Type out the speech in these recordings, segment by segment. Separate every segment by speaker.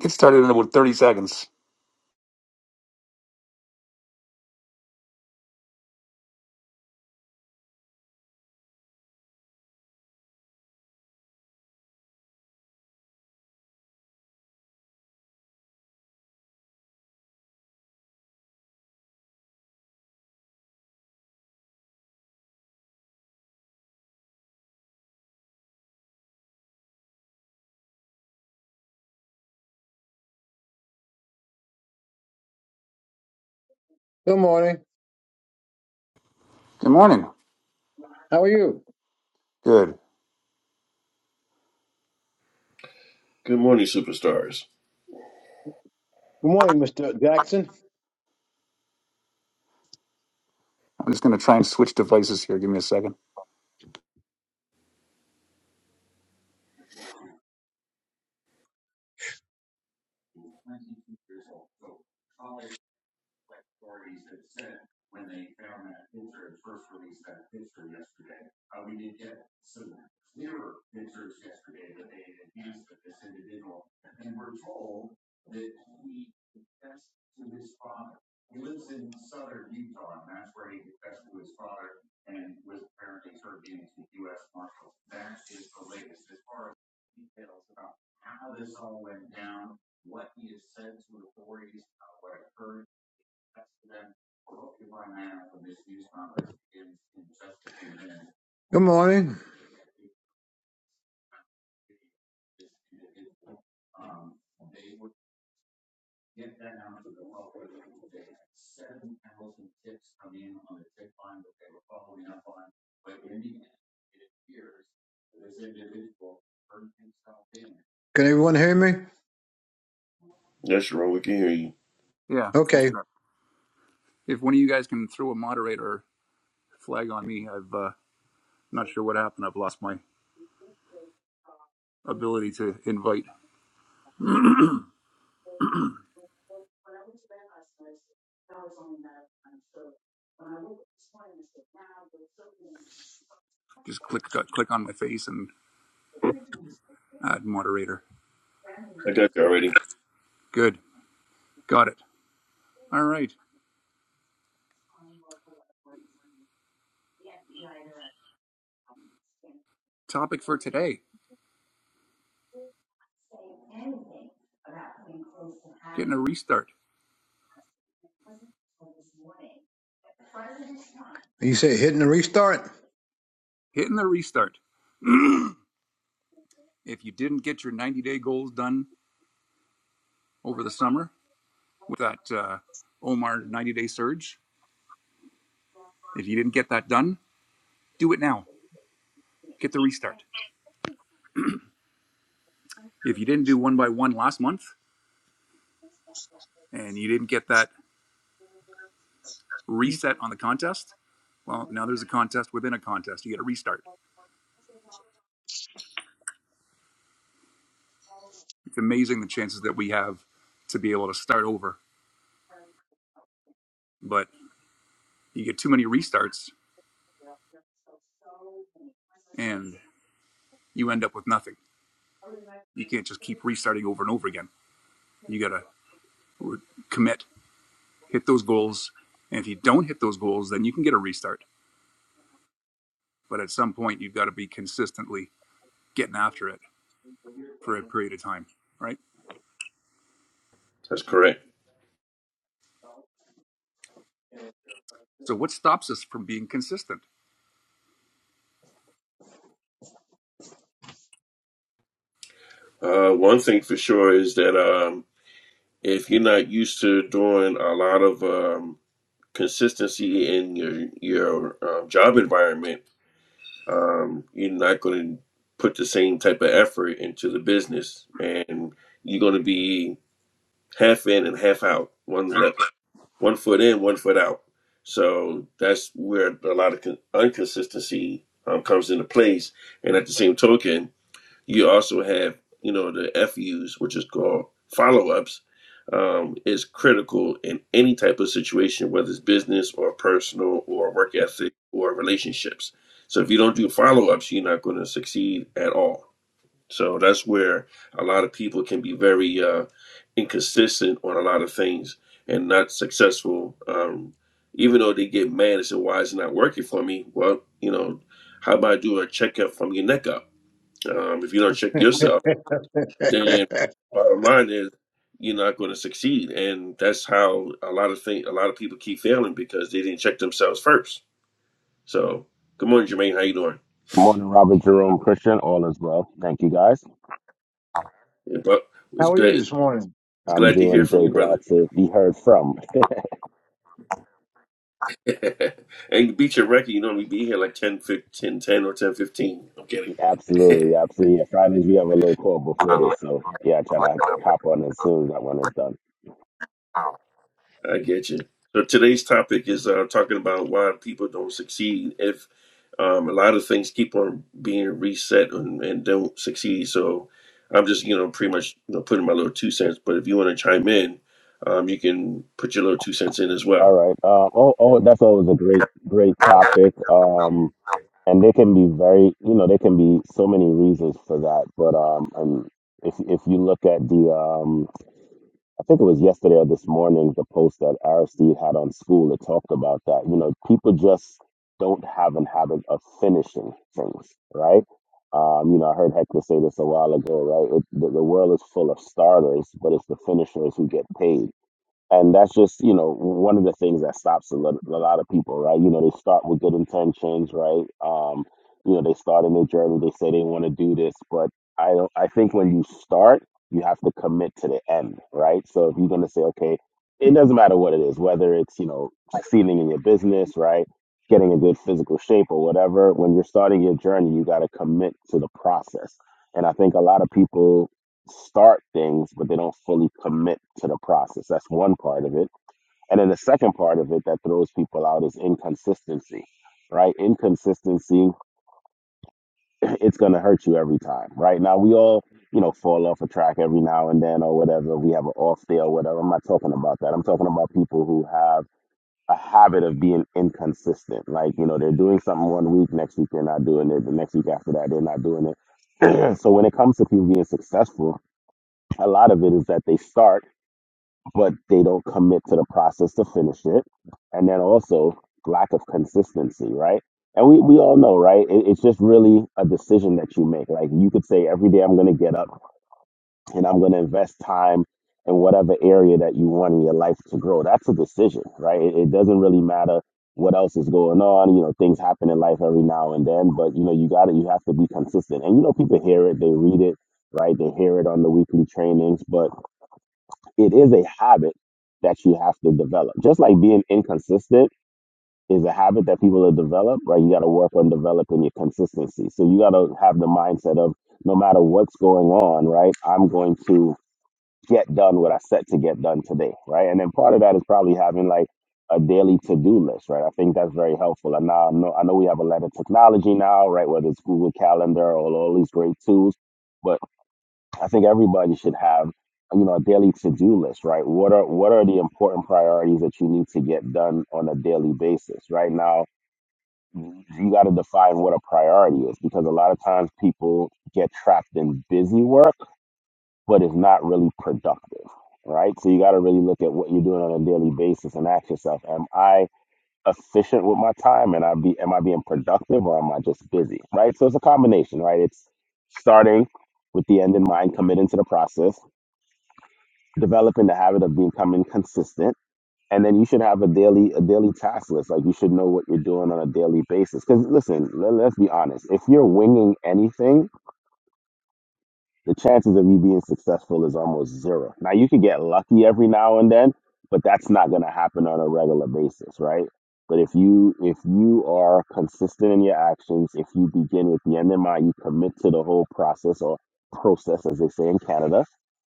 Speaker 1: Get started in about 30 seconds.
Speaker 2: Good morning.
Speaker 1: Good morning.
Speaker 2: How are you?
Speaker 1: Good.
Speaker 3: Good morning, superstars.
Speaker 2: Good morning, Mr. Jackson.
Speaker 1: I'm just going to try and switch devices here. Give me a second.
Speaker 2: Good morning. Can everyone hear me?
Speaker 3: Yes, Sharon, we can hear you.
Speaker 1: Yeah, I'll
Speaker 2: Okay.
Speaker 1: start. If one of you guys can throw a moderator flag on me, I've uh, not sure what happened. I've lost my ability to invite. Just click uh, click on my face and add moderator.
Speaker 3: I got you already.
Speaker 1: Good. Got it. All right. Topic for today, getting a restart.
Speaker 2: You say hitting the restart?
Speaker 1: Hitting the restart. If you didn't get your 90-day goals done over the summer with that uh, Omar 90-day surge, if you didn't get that done, do it now get the restart. If you didn't do one by one last month and you didn't get that reset on the contest, well, now there's a contest within a contest. You get a restart. It's amazing the chances that we have to be able to start over. But you get too many restarts and you end up with nothing. You can't just keep restarting over and over again. You got to re- commit, hit those goals. And if you don't hit those goals, then you can get a restart. But at some point, you've got to be consistently getting after it for a period of time, right?
Speaker 3: That's correct.
Speaker 1: So, what stops us from being consistent?
Speaker 3: Uh, one thing for sure is that um, if you're not used to doing a lot of um, consistency in your your um, job environment, um, you're not going to put the same type of effort into the business, and you're going to be half in and half out. One one foot in, one foot out. So that's where a lot of inconsistency um, comes into place. And at the same token, you also have, you know, the FUs, which is called follow ups, um, is critical in any type of situation, whether it's business or personal or work ethic or relationships. So if you don't do follow ups, you're not going to succeed at all so that's where a lot of people can be very uh, inconsistent on a lot of things and not successful. Um, even though they get mad and say, "Why is it not working for me?" Well, you know, how about I do a checkup from your neck up? Um, if you don't check yourself, then bottom line is you're not going to succeed, and that's how a lot of things, a lot of people keep failing because they didn't check themselves first. So, good morning, Jermaine. How you doing?
Speaker 4: Good morning, Robert Jerome Christian. All is well. Thank you, guys.
Speaker 3: Yeah, but it's
Speaker 2: How are you
Speaker 3: great.
Speaker 2: this morning?
Speaker 3: It's
Speaker 4: I'm
Speaker 3: glad to
Speaker 4: doing
Speaker 3: hear from
Speaker 4: good.
Speaker 3: you, brother.
Speaker 4: Glad to be heard from.
Speaker 3: and beat your record, you normally be here like 10, fifteen, ten or ten, fifteen. I'm kidding.
Speaker 4: Absolutely, absolutely. Yeah, Fridays we have a little call before this, so yeah, I try to hop on as soon as that one is done.
Speaker 3: I get you. So today's topic is uh, talking about why people don't succeed if um, a lot of things keep on being reset and, and don't succeed. So I'm just, you know, pretty much you know, putting my little two cents. But if you want to chime in, um, you can put your little two cents in as
Speaker 4: All
Speaker 3: well.
Speaker 4: right. Uh, oh, oh, that's always a great, great topic. Um, and they can be very, you know, there can be so many reasons for that. But um, and if if you look at the um I think it was yesterday or this morning, the post that Aristide had on school that talked about that. You know, people just don't have an habit of finishing things, right? Um, you know, I heard Hector say this a while ago, right? It, the, the world is full of starters, but it's the finishers who get paid and that's just you know one of the things that stops a lot, a lot of people right you know they start with good intentions right um you know they start in their journey they say they want to do this but i don't i think when you start you have to commit to the end right so if you're going to say okay it doesn't matter what it is whether it's you know succeeding in your business right getting a good physical shape or whatever when you're starting your journey you got to commit to the process and i think a lot of people start things, but they don't fully commit to the process. That's one part of it. And then the second part of it that throws people out is inconsistency, right? Inconsistency, it's going to hurt you every time, right? Now, we all, you know, fall off a track every now and then or whatever. We have an off day or whatever. I'm not talking about that. I'm talking about people who have a habit of being inconsistent. Like, you know, they're doing something one week, next week they're not doing it, the next week after that they're not doing it. so when it comes to people being successful, a lot of it is that they start. but they don't commit to the process to finish it. And then also lack of consistency, right? And we, we all know, right? It, it's just really a decision that you make. Like you could say, every day I'm going to get up and I'm going to invest time in whatever area that you want in your life to grow. That's a decision, right? It, it doesn't really matter what else is going on. You know, things happen in life every now and then, but you know, you got to, you have to be consistent. And you know, people hear it, they read it, right? They hear it on the weekly trainings, but it is a habit that you have to develop. Just like being inconsistent is a habit that people have developed, right? You got to work on developing your consistency. So you got to have the mindset of no matter what's going on, right? I'm going to get done what I set to get done today, right? And then part of that is probably having like a daily to-do list, right? I think that's very helpful. And now I know, I know we have a lot of technology now, right? Whether it's Google Calendar or all these great tools, but I think everybody should have, you know, a daily to-do list, right? What are what are the important priorities that you need to get done on a daily basis? Right now, you got to define what a priority is because a lot of times people get trapped in busy work, but it's not really productive, right? So you got to really look at what you're doing on a daily basis and ask yourself, am I efficient with my time and I be am I being productive or am I just busy? Right? So it's a combination, right? It's starting with the end in mind, committing to the process developing the habit of becoming consistent and then you should have a daily a daily task list like you should know what you're doing on a daily basis because listen let, let's be honest if you're winging anything the chances of you being successful is almost zero now you could get lucky every now and then but that's not going to happen on a regular basis right but if you if you are consistent in your actions if you begin with the end in mind you commit to the whole process or process as they say in canada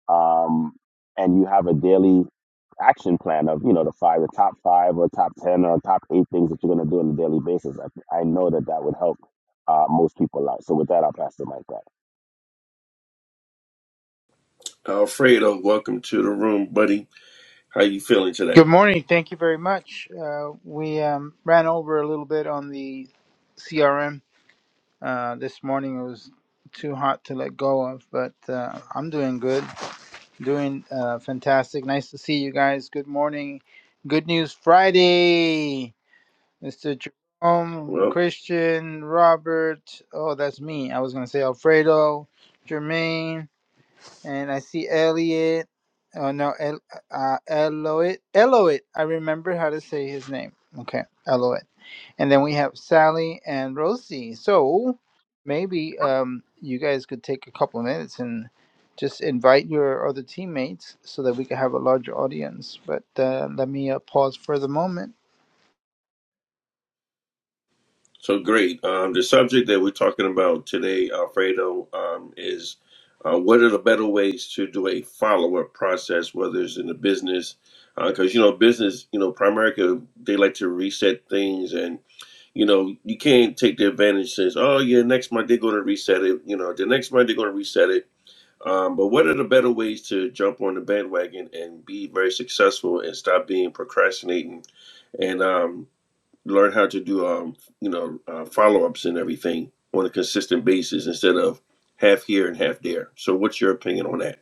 Speaker 4: um, and you have a daily action plan of you know the five, the top five or top ten or top eight things that you're going to do on a daily basis. I, I know that that would help uh, most people out. So with that, I'll pass the mic back.
Speaker 3: Alfredo, welcome to the room, buddy. How you feeling
Speaker 5: Good
Speaker 3: today?
Speaker 5: morning. Thank you very much. Uh, we um, ran over a little bit on the CRM uh, this morning. It was too hot to let go of, but uh, I'm doing good, doing uh, fantastic. Nice to see you guys. Good morning. Good news Friday, Mr. Jerome,
Speaker 3: Well.
Speaker 5: Christian, Robert. Oh, that's me. I was going to say Alfredo, Jermaine and I see Elliot. Oh no, El, uh, Eloit. Eloit. I remember how to say his name. Okay, Eloit. And then we have Sally and Rosie. So maybe um, you guys could take a couple of minutes and just invite your other teammates so that we can have a larger audience. But uh, let me uh, pause for the moment.
Speaker 3: So great. Um, the subject that we're talking about today, Alfredo, um, is uh, what are the better ways to do a follow up process, whether it's in the business, because you know business, you know, Primerica, they like to reset things, and you know you can't take the advantage since oh yeah, next month they're going to reset it, you know, the next month they're going to reset it. Um, but what are the better ways to jump on the bandwagon and be very successful and stop being procrastinating and um, learn how to do um you know uh, follow-ups and everything on a consistent basis instead of half here and half there so what's your opinion on that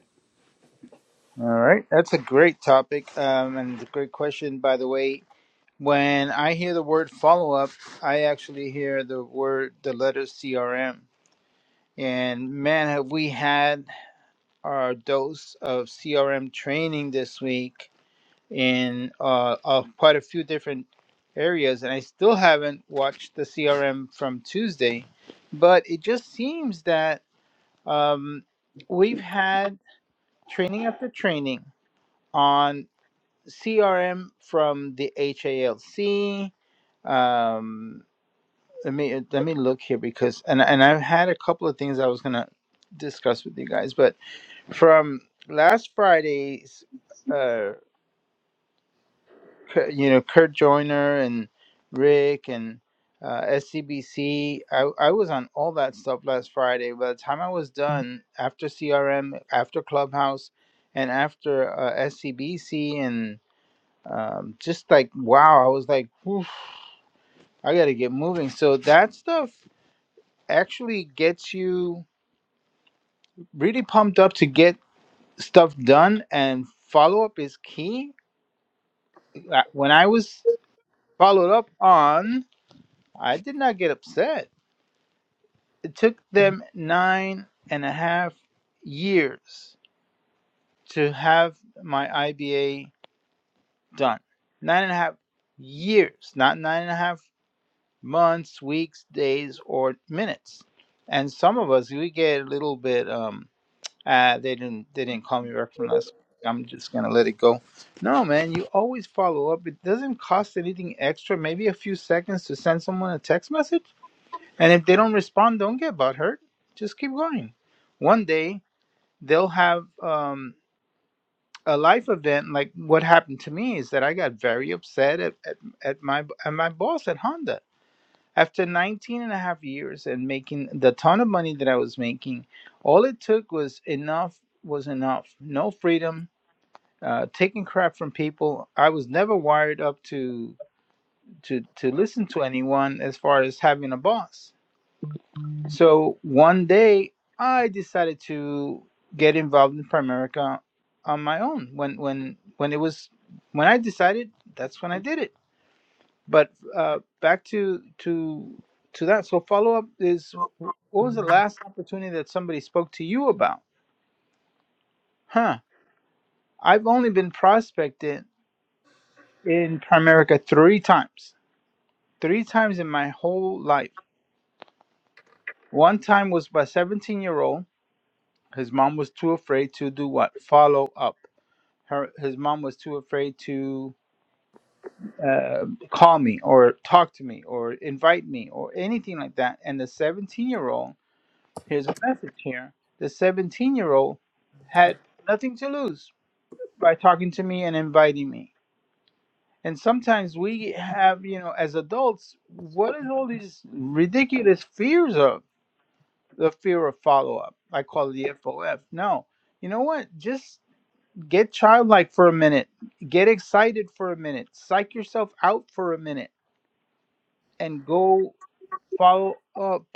Speaker 5: All right, that's a great topic um, and it's a great question, by the way. When I hear the word follow up, I actually hear the word, the letter CRM. And man, have we had our dose of CRM training this week in uh, of quite a few different areas. And I still haven't watched the CRM from Tuesday, but it just seems that um, we've had training after training on CRM from the HALC. Um, Let me uh, let me look here because and and I've had a couple of things I was gonna discuss with you guys, but from last Friday's, uh, K- you know, Kurt Joyner and Rick and uh, SCBC, I I was on all that stuff last Friday. By the time I was done after CRM, after Clubhouse, and after uh, SCBC and um, just like wow, I was like, Oof, I gotta get moving. So that stuff actually gets you. really pumped up to get stuff done and follow up is key. Uh, When I was followed up on, I did not get upset. It took them nine and a half years to have my IBA done. Nine and a half years, not nine and a half months, weeks, days, or minutes. And some of us, we get a little bit. um. Uh, they didn't they didn't call me back from last. week. I'm just gonna let it go. No, man, you always follow up. It doesn't cost anything extra. Maybe a few seconds to send someone a text message, and if they don't respond, don't get butthurt. Just keep going. One day they'll have um, a life event like what happened to me is that I got very upset at, at, at my at my boss at Honda after 19 and a half years and making the ton of money that I was making, all it took was enough was enough. No freedom, uh, taking crap from people. I was never wired up to to to listen to anyone as far as having a boss. So one day I decided to get involved in Primerica on my own. When when when it was when I decided, that's when I did it but uh, back to to to that. So follow up is what was the last opportunity that somebody spoke to you about? Huh? I've only been prospected in Primerica three times. Three times in my whole life. One time was by a 17 year old. His mom was too afraid to do what? Follow up. Her his mom was too afraid to uh, call me or talk to me or invite me or anything like that. And the 17 year old Here's a message here. The 17 year old had nothing to lose by talking to me and inviting me. And sometimes we have, you know, as adults, what is all these ridiculous fears of? The fear of follow up. I call it the FOF. No. You know what? Just get childlike for a minute. Get excited for a minute. Psych yourself out for a minute and go follow up.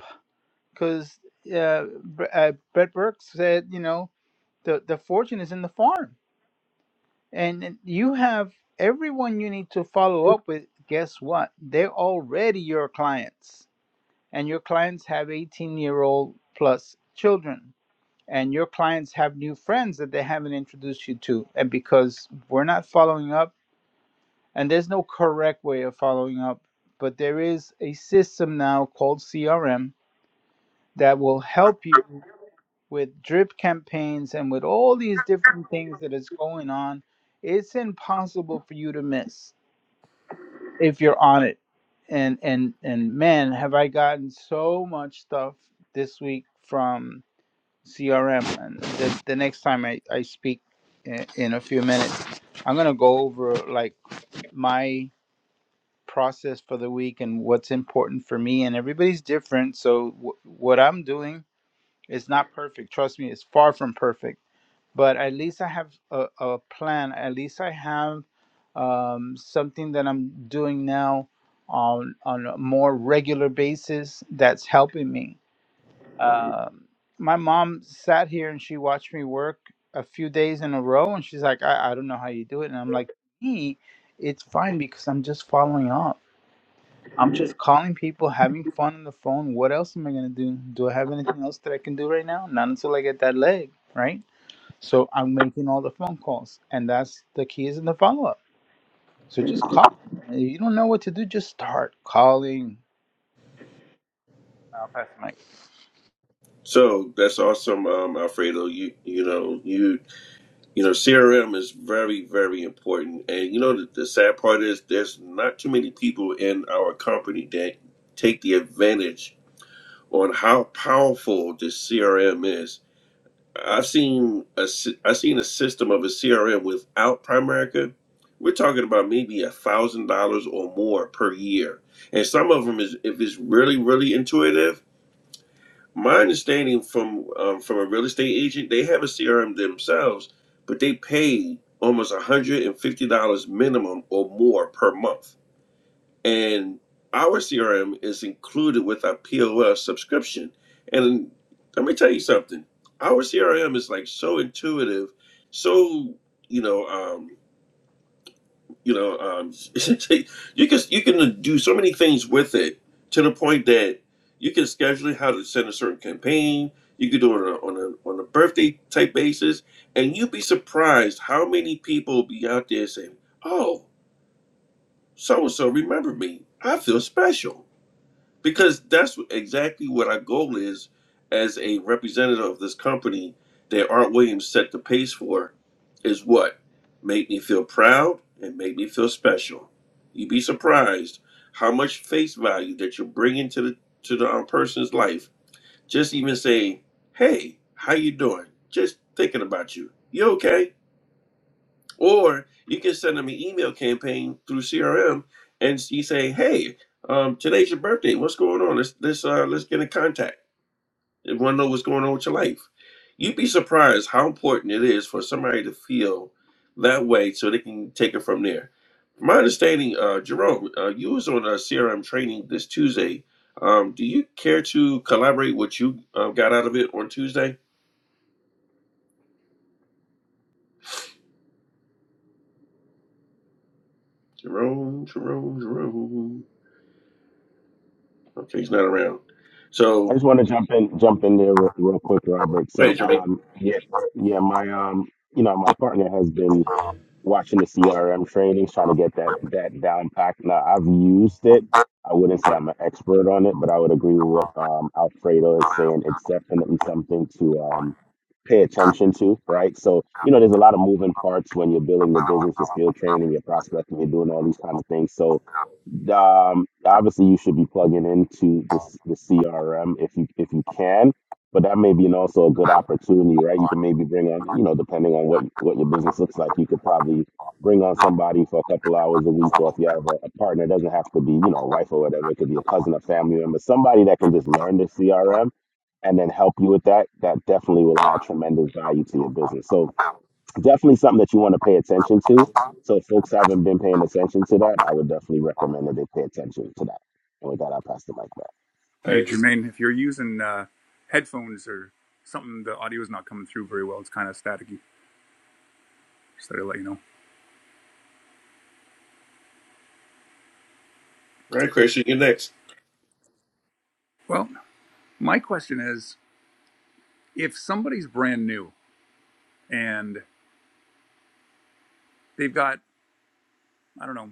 Speaker 5: Because uh, Bre- uh, Brett Burke said, you know, the the fortune is in the farm and and you have everyone you need to follow up with guess what they're already your clients and your clients have 18 year old plus children and your clients have new friends that they haven't introduced you to and because we're not following up and there's no correct way of following up but there is a system now called crm that will help you with drip campaigns and with all these different things that is going on, it's impossible for you to miss if you're on it. And and and man, have I gotten so much stuff this week from CRM. And the, the next time I, I speak in, in a few minutes, I'm gonna go over like my process for the week and what's important for me. And everybody's different, so w- what I'm doing is not perfect. Trust me, it's far from perfect but at least I have a, a plan. At least I have um, something that I'm doing now on on a more regular basis that's helping me. Um, my mom sat here and she watched me work a few days in a row, and she's like, "I, I don't know how you do it," and I'm like, "Me, it's fine because I'm just following up. I'm just calling people, having fun on the phone. What else am I gonna do? Do I have anything else that I can do right now? Not until I get that leg, right?" So I'm making all the phone calls, and that's the key is in the follow up. So just call. If you don't know what to do, just start calling. I'll pass the mic.
Speaker 3: so that's awesome um alfredo you you know you you know crm is very very important and you know the, the sad part is there's not too many people in our company that take the advantage on how powerful this crm is I've seen a sy- I've seen a system of a CRM without Primerica. We're talking about maybe a thousand dollars or more per year, and some of them is if it's really really intuitive. My understanding from um, from a real estate agent, they have a CRM themselves, but they pay almost one hundred and fifty dollars minimum or more per month. And our CRM is included with our POS subscription. And let me tell you something. Our CRM is like so intuitive, so you know, um, you know, um, you can you can do so many things with it to the point that you can schedule how to send a certain campaign. You can do it on a, on a on a birthday type basis, and you'd be surprised how many people be out there saying, "Oh, so and so remember me. I feel special." because that's exactly what our goal is as a representative of this company that Art Williams set the pace for is what make me feel proud and make me feel special. You'd be surprised how much face value that you're bringing to the to the um, person's life. Just even saying, "Hey, how you doing?" Just thinking about you. You okay? Or you can send them an email campaign through CRM, and you say, "Hey, um, today's your birthday. What's going on? Let's let's uh, let's get in contact. They want to know what's going on with your life." You'd be surprised how important it is for somebody to feel that way, so they can take it from there. From my understanding, uh, Jerome, uh, you was on a CRM training this Tuesday. Um, do you care to collaborate what you uh, got out of it on Tuesday? Jerome, Jerome, Jerome. Okay, he's not around. So
Speaker 4: I just want to jump in, jump in there real, real quick, Robert. So
Speaker 3: Right, Jermaine.
Speaker 4: um, yeah, yeah, my um, you know, my partner has been watching the CRM trainings, trying to get that that down packed. Now I've used it. I wouldn't say I'm an expert on it, but I would agree with what um, Alfredo is saying. It's definitely something to um, pay attention to, right? So you know, there's a lot of moving parts when you're building the business, your field training, your prospecting, you're doing all these kind of things. So um, obviously you should be plugging into the, s- the CRM if you if you can, but that may be an, also a good opportunity, right? You can maybe bring on, you know, depending on what what your business looks like, you could probably bring on somebody for a couple hours a week, or if you have a, a partner, it doesn't have to be, you know, a wife or whatever. It could be a cousin, a family member, somebody that can just learn the CRM and then help you with that. That definitely will add tremendous value to your business. So definitely something that you want to pay attention to. So if folks haven't been paying attention to that, I would definitely recommend that they pay attention to that. And with that, I'll pass the mic back.
Speaker 3: I
Speaker 1: Hey,
Speaker 3: agree.
Speaker 1: Jermaine, if you're using uh, headphones or something, the audio is not coming through very well. It's kind of staticky. Just thought I'd let you know.
Speaker 3: All right, Christian, you're next.
Speaker 1: Well, my question is if somebody's brand new and they've got, I don't know,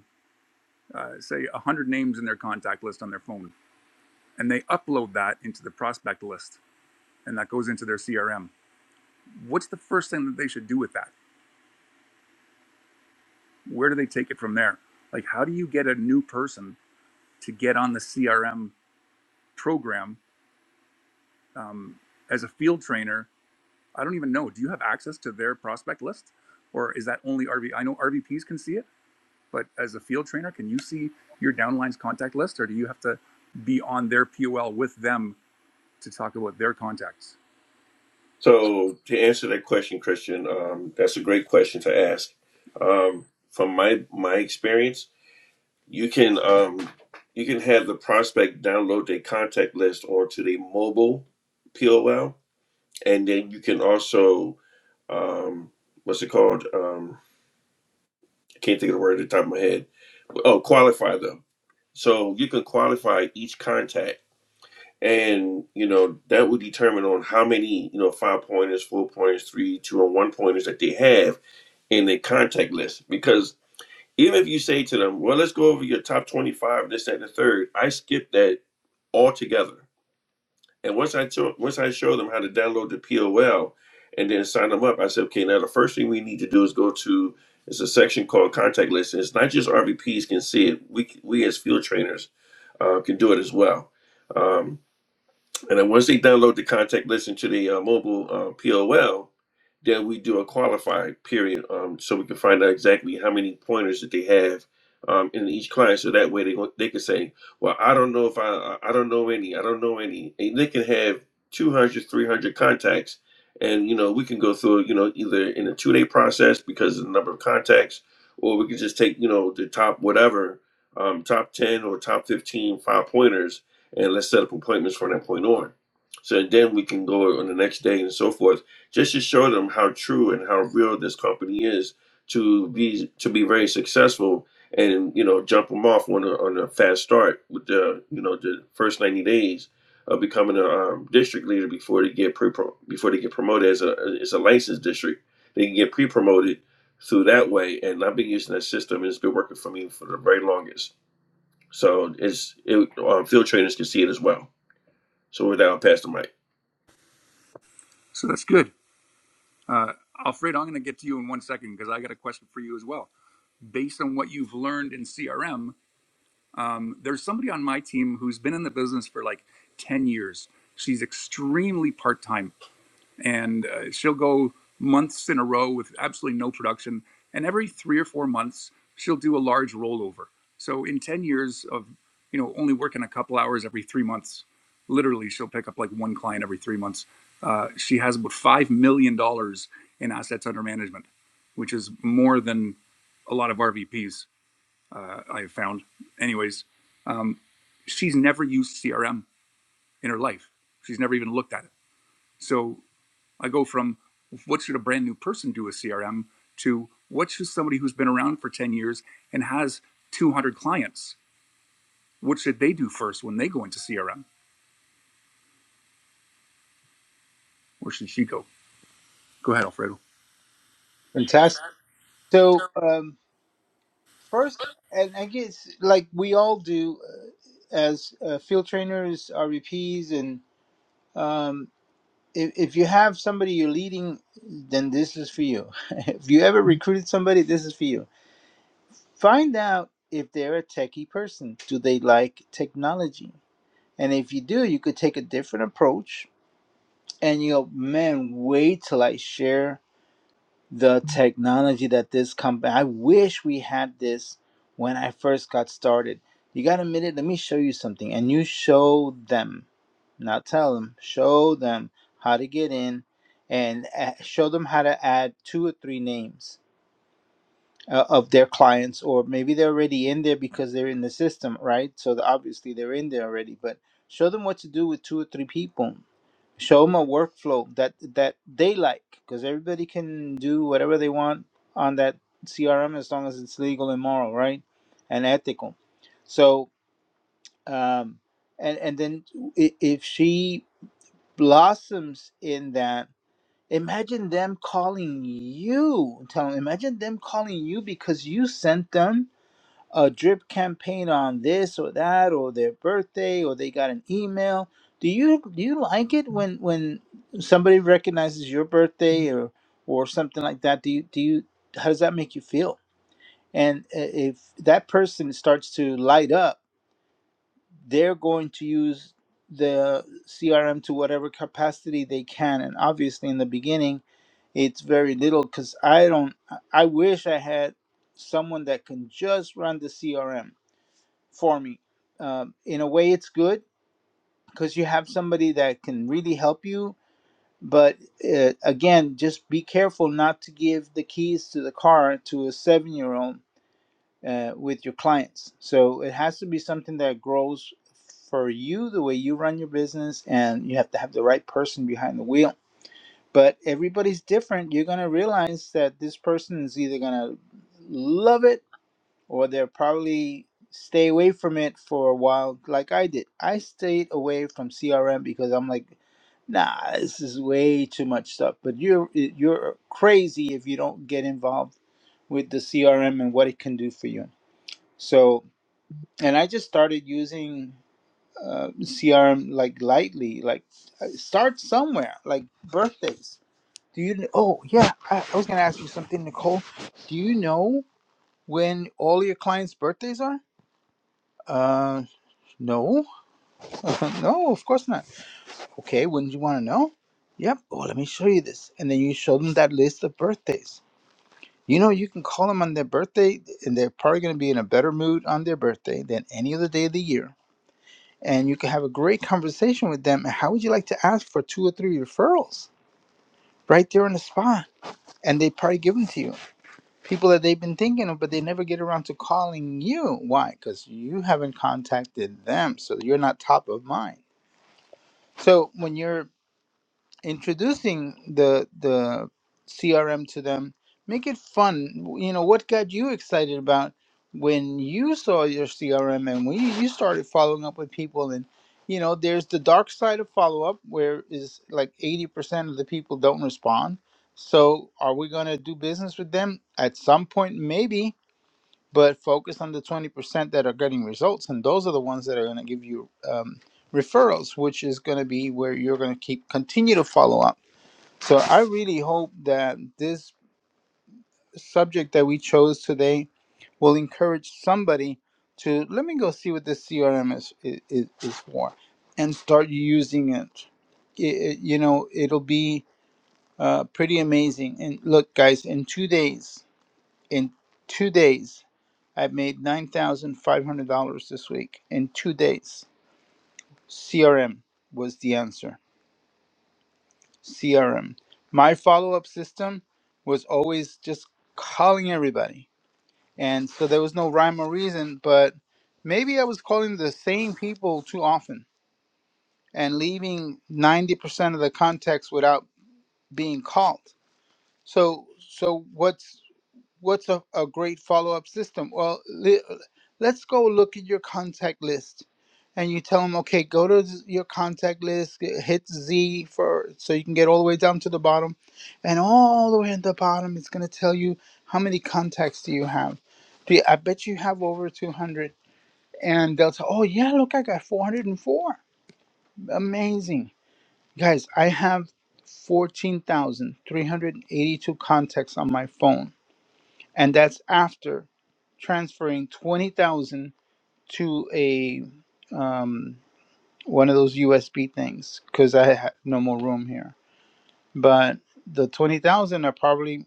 Speaker 1: uh, say 100 names in their contact list on their phone, and they upload that into the prospect list and that goes into their CRM, what's the first thing that they should do with that? Where do they take it from there? Like, how do you get a new person to get on the CRM program um, as a field trainer? I don't even know. Do you have access to their prospect list, or is that only RV? I know RVPs can see it, but as a field trainer, can you see your downline's contact list, or do you have to be on their POL with them to talk about their contacts?
Speaker 3: So to answer that question, Christian, um, that's a great question to ask. Um, from my my experience, you can um, you can have the prospect download their contact list onto the mobile POL, and then you can also um, what's it called? Um, I can't think of the word at the top of my head. Oh, qualify them. So you can qualify each contact and you know that will determine on how many you know five pointers, four pointers, three, two, and one pointers that they have in their contact list. Because even if you say to them, "Well, let's go over your top twenty-five, this, that, and the third, I skip that altogether. And once I t- once I show them how to download the POL and then sign them up, I said, "Okay, now the first thing we need to do is go to it's a section called contact list. And it's not just RVPs can see it. We we as field trainers uh, can do it as well." Um, and then once they download the contact list into the uh, mobile uh, POL, then we do a qualified period um, so we can find out exactly how many pointers that they have um, in each client. So that way they go- they can say, well, I don't know if I I don't know any, I don't know any. And they can have 200, 300 contacts. And, you know, we can go through, you know, either in a two day process because of the number of contacts, or we can just take, you know, the top whatever, um, top 10 or top fifteen five pointers and let's set up appointments from that point on. So then we can go on the next day and so forth, just to show them how true and how real this company is to be to be very successful and you know jump them off on a, on a fast start with the you know the first ninety days of becoming a um, district leader before they get pre before they get promoted as a as a licensed district. They can get pre promoted through that way, and I've been using that system and it's been working for me for the very longest. So it's it, um, field trainers can see it as well. So with that, I'll pass the mic.
Speaker 1: So that's good. Uh, Alfred, I'm going to get to you in one second because I got a question for you as well. Based on what you've learned in CRM, um, there's somebody on my team who's been in the business for like 10 years. She's extremely part time and uh, she'll go months in a row with absolutely no production. And every three or four months, she'll do a large rollover. So in ten years of you know only working a couple hours every three months, literally she'll pick up like one client every three months. Uh, she has about five million dollars in assets under management, which is more than a lot of RVPs uh, I have found. Anyways, um, she's never used CRM in her life. She's never even looked at it. So I go from what should a brand new person do with CRM to what should somebody who's been around for 10 years and has 200 clients, what should they do first when they go into CRM? Where should she go? Go ahead, Alfredo.
Speaker 5: Fantastic. So um, first, and I guess like we all do, uh, as uh, field trainers, RVPs, and um, if, if you have somebody you're leading, then this is for you. if you ever recruited somebody, this is for you. Find out if they're a techie person. Do they like technology? And if you do, you could take a different approach and you know, man, wait till I share the technology that this company I wish we had this when I first got started. You got a minute, let me show you something. And you show them, not tell them, show them how to get in and a- show them how to add two or three names uh, of their clients, or maybe they're already in there because they're in the system, right? So the- obviously they're in there already, but show them what to do with two or three people show them a workflow that that they like because everybody can do whatever they want on that crm as long as it's legal and moral right and ethical so um and and then i- if she blossoms in that imagine them calling you tell imagine them calling you because you sent them a drip campaign on this or that or their birthday or they got an email do you do you like it when when somebody recognizes your birthday or or something like that do you do you how does that make you feel and i- if that person starts to light up they're going to use the crm to whatever capacity they can and obviously in the beginning it's very little because i don't i I wish i had someone that can just run the crm for me. Um, in a way, it's good because you have somebody that can really help you. But uh, again, just be careful not to give the keys to the car to a seven year old uh, with your clients. So it has to be something that grows for you, the way you run your business, and you have to have the right person behind the wheel. But everybody's different. You're going to realize that this person is either going to love it or they'll probably stay away from it for a while, like I did. I stayed away from CRM because I'm like, nah, this is way too much stuff. But you're you're crazy if you don't get involved with the CRM and what it can do for you. So, and I just started using uh, CRM like lightly, like uh, start somewhere, like birthdays. Do you? kn- Oh yeah, I, I was gonna ask you something, Nicole. Do you know when all your clients' birthdays are? Uh, No, no, of course not. Okay, wouldn't you want to know? Yep, well, let me show you this. And then you show them that list of birthdays. You know, you can call them on their birthday, and they're probably going to be in a better mood on their birthday than any other day of the year. And you can have a great conversation with them. And how would you like to ask for two or three referrals right there on the spot? And they probably give them to you. People that they've been thinking of, but they never get around to calling you. Why? Because you haven't contacted them, so you're not top of mind. So when you're introducing the the CRM to them. Make it fun. You know what got you excited about when you saw your CRM and when you, you started following up with people and you know there's the dark side of follow up where is like 80% of the people don't respond. So are we going to do business with them at some point maybe, but focus on the 20% that are getting results and those are the ones that are going to give you um referrals which is going to be where you're going to keep continue to follow up so I really hope that this subject that we chose today will encourage somebody to let me go see what this CRM is is, is for and start using it. It, it- You know, it'll be uh, pretty amazing. And look, guys, in two days, in two days, I've made nine thousand five hundred dollars this week. In two days, CRM was the answer. CRM. My follow up system was always just calling everybody. And so there was no rhyme or reason, but maybe I was calling the same people too often and leaving 90% of the contacts without being called. So so what's what's a, a great follow-up system well li- let's go look at your contact list and you tell them okay go to z- your contact list g- hit z for so you can get all the way down to the bottom and all the way at the bottom it's going to tell you how many contacts do you have do you, i bet you have over 200 and they'll say oh yeah look i got 404 amazing guys i have 14382 contacts on my phone and that's after transferring 20,000 to a um, one of those USB things because I had no more room here. But the 20,000 are probably,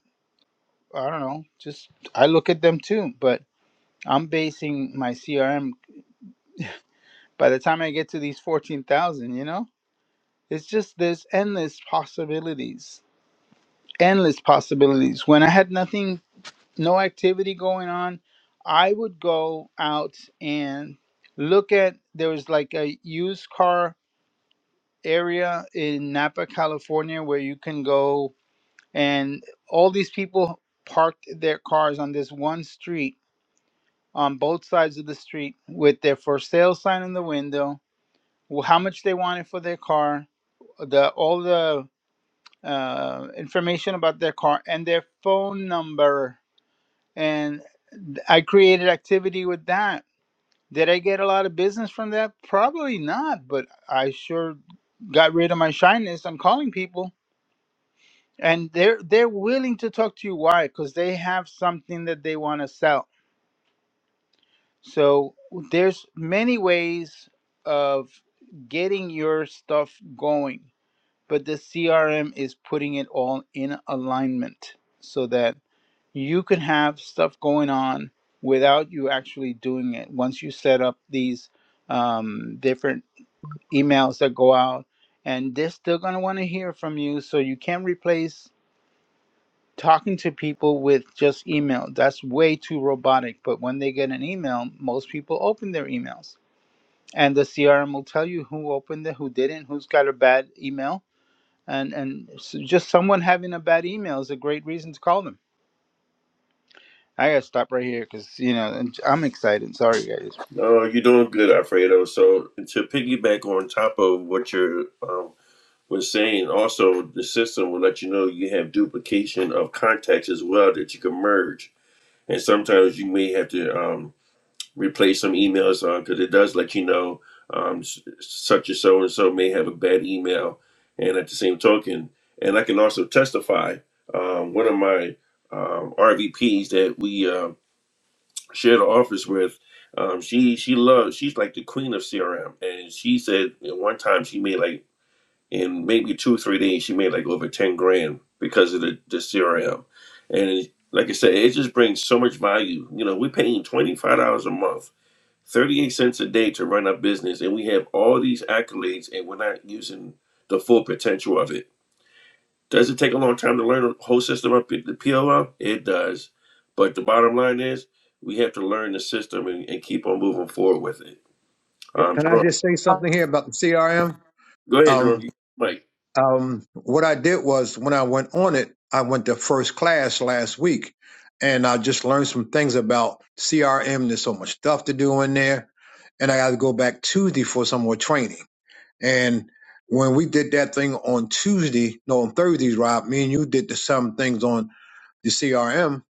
Speaker 5: I don't know, just I look at them too, but I'm basing my CRM by the time I get to these 14,000, you know, it's just there's endless possibilities, endless possibilities. When I had nothing no activity going on, I would go out and look at there was like a used car area in Napa, California, where you can go and all these people parked their cars on this one street on both sides of the street with their for sale sign in the window, wh- how much they wanted for their car, the all the uh, information about their car and their phone number and I created activity with that. Did I get a lot of business from that? Probably not, but I sure got rid of my shyness on calling people. And they're they're willing to talk to you. Why? Because they have something that they want to sell. So there's many ways of getting your stuff going, but the CRM is putting it all in alignment so that you can have stuff going on without you actually doing it once you set up these um, different emails that go out and they're still going to want to hear from you so you can't replace talking to people with just email that's way too robotic but when they get an email most people open their emails and the crm will tell you who opened it who didn't who's got a bad email and and s just someone having a bad email is a great reason to call them I gotta stop right here because you know and I'm excited. Sorry, guys.
Speaker 3: No, you're doing good, Alfredo. So to piggyback on top of what you're um, was saying, also the system will let you know you have duplication of contacts as well that you can merge, and sometimes you may have to. um, Replace some emails because uh, it does let you know um, such and so and so may have a bad email. And at the same token, and I can also testify um, one of my um, RVPs that we uh, share the office with. Um, she she loves she's like the queen of CRM, and she said at one time she made like in maybe two or three days she made like over ten grand because of the, the CRM, and like I said, it just brings so much value. You know, we're paying twenty five dollars a month 38 cents a day to run our business and we have all these accolades and we're not using the full potential of it. Does it take a long time to learn the whole system up at the PLL? It does. But the bottom line is we have to learn the system and, and keep on moving forward with it. Um,
Speaker 2: Can I
Speaker 3: Jerome,
Speaker 2: just say something here about the CRM?
Speaker 3: go ahead,
Speaker 2: Um,
Speaker 3: Jerome. You got the mic.
Speaker 2: um, what I did was when I went on it, I went to first class last week and I just learned some things about CRM. There's so much stuff to do in there. And I got to go back Tuesday for some more training. And when we did that thing on Tuesday, no, on Thursdays, Rob, me and you did the, some things on the CRM,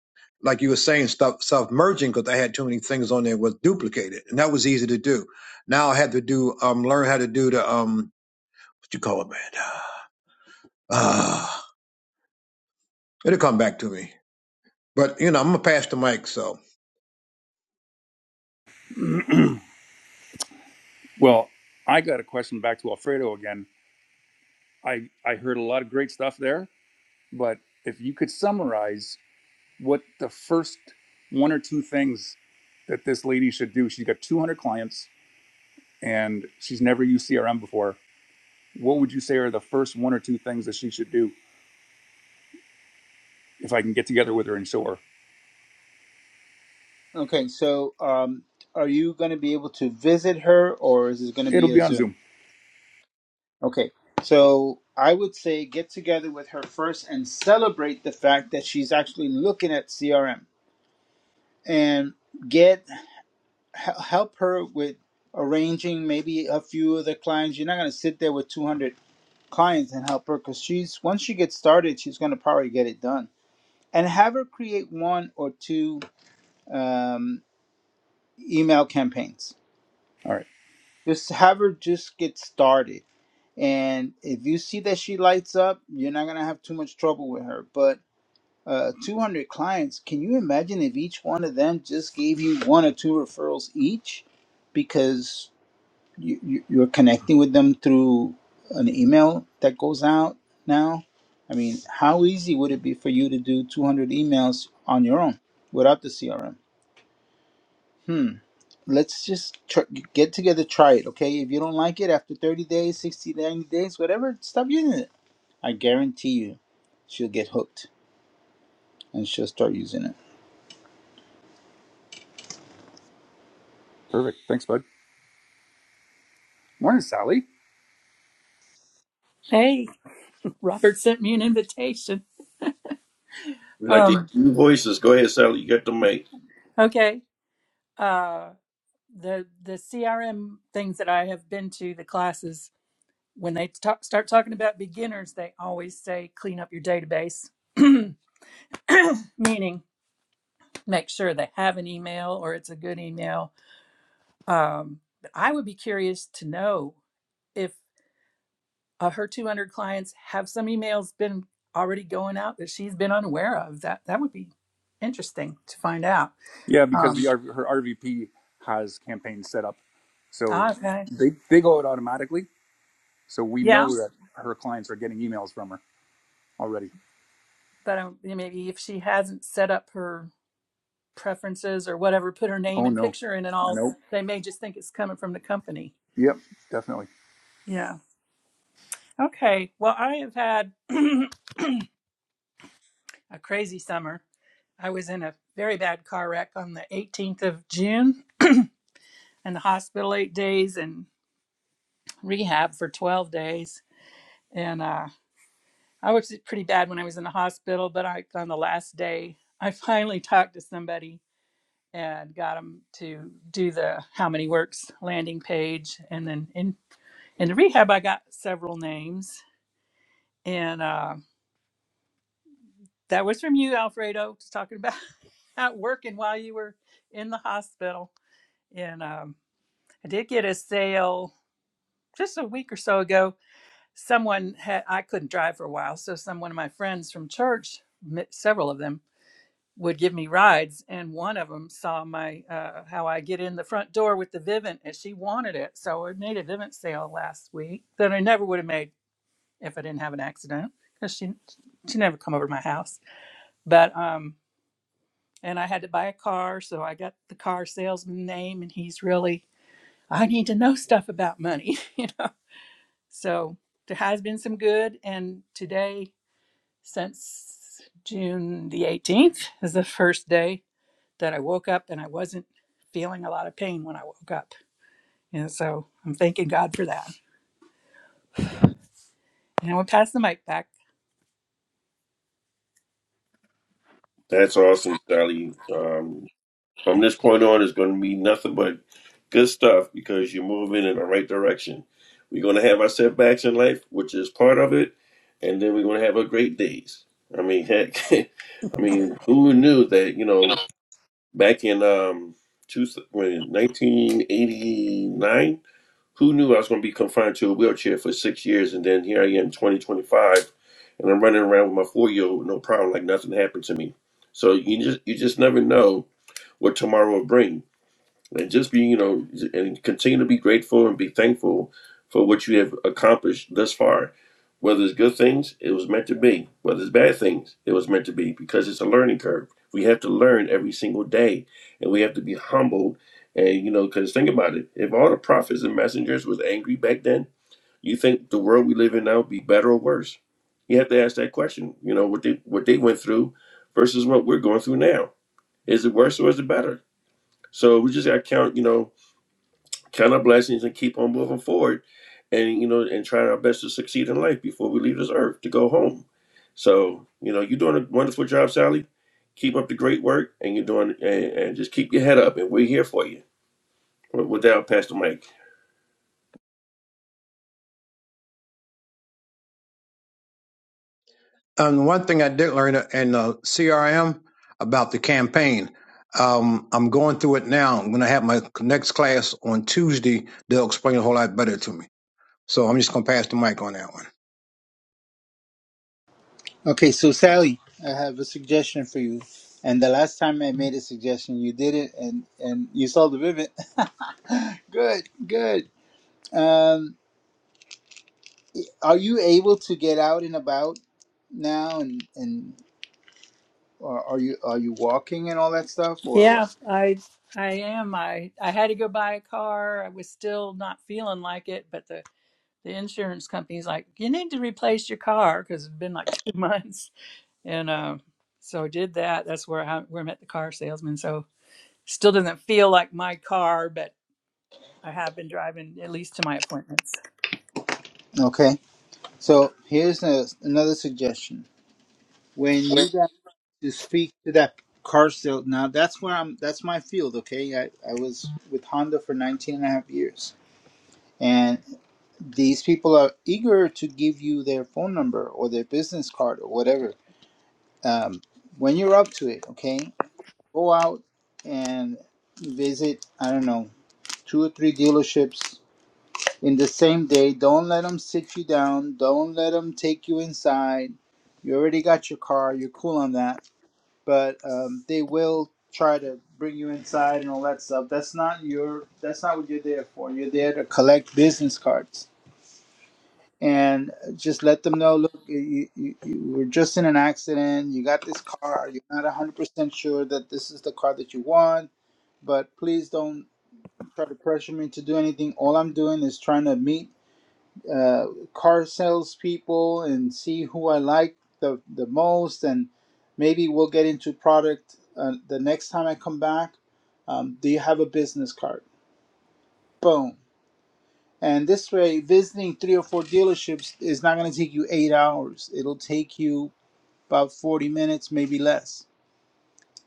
Speaker 2: like you were saying, stuff stuff merging because I had too many things on there was duplicated, and that was easy to do. Now I had to do um learn how to do the um what you call it, man. Uh, it'll come back to me. But you know, I'm gonna pass the mic, so.
Speaker 1: Well, I got a question back to Alfredo again. I, I heard a lot of great stuff there, but if you could summarize what the first one or two things that this lady should do, she's got 200 clients and she's never used CRM before. What would you say are the first one or two things that she should do if I can get together with her and show her?
Speaker 5: Okay, so um, are you gonna be able to visit her, or is it gonna
Speaker 1: It'll
Speaker 5: be
Speaker 1: be
Speaker 5: a
Speaker 1: on
Speaker 5: Zoom?
Speaker 1: Zoom.
Speaker 5: Okay, so I would say get together with her first and celebrate the fact that she's actually looking at CRM and get h- help her with arranging maybe a few of the clients. You're not gonna sit there with 200 clients and help her because she's once she gets started, she's gonna probably get it done. And have her create one or two um, email campaigns.
Speaker 1: All right.
Speaker 5: Just have her just get started. And if you see that she lights up, you're not going to have too much trouble with her. But uh, 200 clients, can you imagine if each one of them just gave you one or two referrals each because you, you, you're connecting with them through an email that goes out now? I mean, how easy would it be for you to do 200 emails on your own without the CRM? Hmm let's just tr get together, try it, okay? If you don't like it after 30 days, 60, ninety days, whatever, stop using it. I guarantee you she'll get hooked and she'll start using it.
Speaker 1: Perfect. Thanks, bud. Morning, Sally.
Speaker 6: Hey, Robert sent me an invitation.
Speaker 3: we like to
Speaker 6: Um,
Speaker 3: hear your voices. Go ahead, Sally. You got the mic.
Speaker 6: okay. Uh, the the CRM things that I have been to the classes when they talk, start talking about beginners, they always say clean up your database, meaning make sure they have an email or it's a good email. Um, but I would be curious to know if uh, her 200 clients have some emails been already going out that she's been unaware of. That that would be interesting to find out.
Speaker 1: Yeah, because
Speaker 6: Um,
Speaker 1: the her RVP has campaigns set up, so
Speaker 6: Ah, okay.
Speaker 1: they they go out automatically. So we know
Speaker 6: Yeah,
Speaker 1: that her clients are getting emails from her already.
Speaker 6: but um, maybe if she hasn't set up her preferences or whatever, put her name
Speaker 1: Oh
Speaker 6: and
Speaker 1: no,
Speaker 6: picture in and
Speaker 1: I
Speaker 6: all,
Speaker 1: know.
Speaker 6: they may just think it's coming from the company.
Speaker 1: Yep, definitely.
Speaker 6: Yeah. Okay. Well, I have had a crazy summer. I was in a very bad car wreck on the 18th of June in the hospital eight days and rehab for 12 days. And uh, I was pretty bad when I was in the hospital, but I, on the last day, I finally talked to somebody and got them to do the how many works landing page and then in in the rehab i got several names and uh, that was from you alfredo just talking about out working while you were in the hospital and um, i did get a sale just a week or so ago someone had i couldn't drive for a while so someone of my friends from church several of them would give me rides and one of them saw my uh, how i get in the front door with the vivint and she wanted it so i made a vivint sale last week that i never would have made if i didn't have an accident because she she never come over to my house but um and i had to buy a car so i got the car salesman name and he's really i need to know stuff about money you know so there has been some good and today since june the 18th is the first day that I woke up and I wasn't feeling a lot of pain when I woke up. And so I'm thanking God for that. And I will pass the mic back.
Speaker 3: That's awesome, Sally. Um, From this point on, it's going to be nothing but good stuff because you're moving in the right direction. We're going to have our setbacks in life, which is part of it, and then we're going to have our great days. I mean, heck, I mean, who knew that? You know, back in um, two, when 1989, who knew I was going to be confined to a wheelchair for six years, and then here I am, 2025, and I'm running around with my four-year-old, no problem, like nothing happened to me. So you just you just never know what tomorrow will bring and just be you know and continue to be grateful and be thankful for what you have accomplished thus far whether it's good things it was meant to be whether it's bad things it was meant to be because it's a learning curve we have to learn every single day and we have to be humbled and you know because think about it if all the prophets and messengers was angry back then you think the world we live in now would be better or worse you have to ask that question you know what they what they went through versus what we're going through now is it worse or is it better so we just got to count you know count our blessings and keep on moving forward and you know and trying our best to succeed in life before we leave this earth to go home so you know you're doing a wonderful job sally keep up the great work and you're doing and, and just keep your head up and we're here for you with with that i'll pass the mic
Speaker 2: And one thing I did learn in the CRM about the campaign, um, I'm going through it now. I'm going to have my next class on Tuesday. They'll explain a whole lot better to me. So I'm just going to pass the mic on that one.
Speaker 5: Okay, so Sally, I have a suggestion for you. And the last time I made a suggestion, you did it and, and you saw the vivid. good, good. Um, are you able to get out and about now and, and or are you are you walking and all that stuff or
Speaker 6: Yeah,
Speaker 5: what?
Speaker 6: I I am. I I had to go buy a car. I was still not feeling like it, but the the insurance company's like, you need to replace your car because it's been like two months. And uh, so I did that. That's where I where I met the car salesman. So still doesn't feel like my car, but I have been driving at least to my appointments.
Speaker 5: Okay. So here's a, another suggestion when you got to speak to that car sale now that's where i'm that's my field okay i, I was with honda for 19 and a half years and these people are eager to give you their phone number or their business card or whatever um, when you're up to it okay go out and visit i don't know two or three dealerships in the same day don't let them sit you down don't let them take you inside you already got your car you're cool on that but um, they will try to bring you inside and all that stuff. That's not your. That's not what you're there for. You're there to collect business cards and just let them know. Look, you, you, you were just in an accident. You got this car. You're not 100 percent sure that this is the car that you want. But please don't try to pressure me to do anything. All I'm doing is trying to meet uh, car salespeople and see who I like the, the most. And maybe we'll get into product uh, the next time I come back. Um, do you have a business card? Boom. And this way, visiting three or four dealerships is not going to take you eight hours. It'll take you about 40 minutes, maybe less.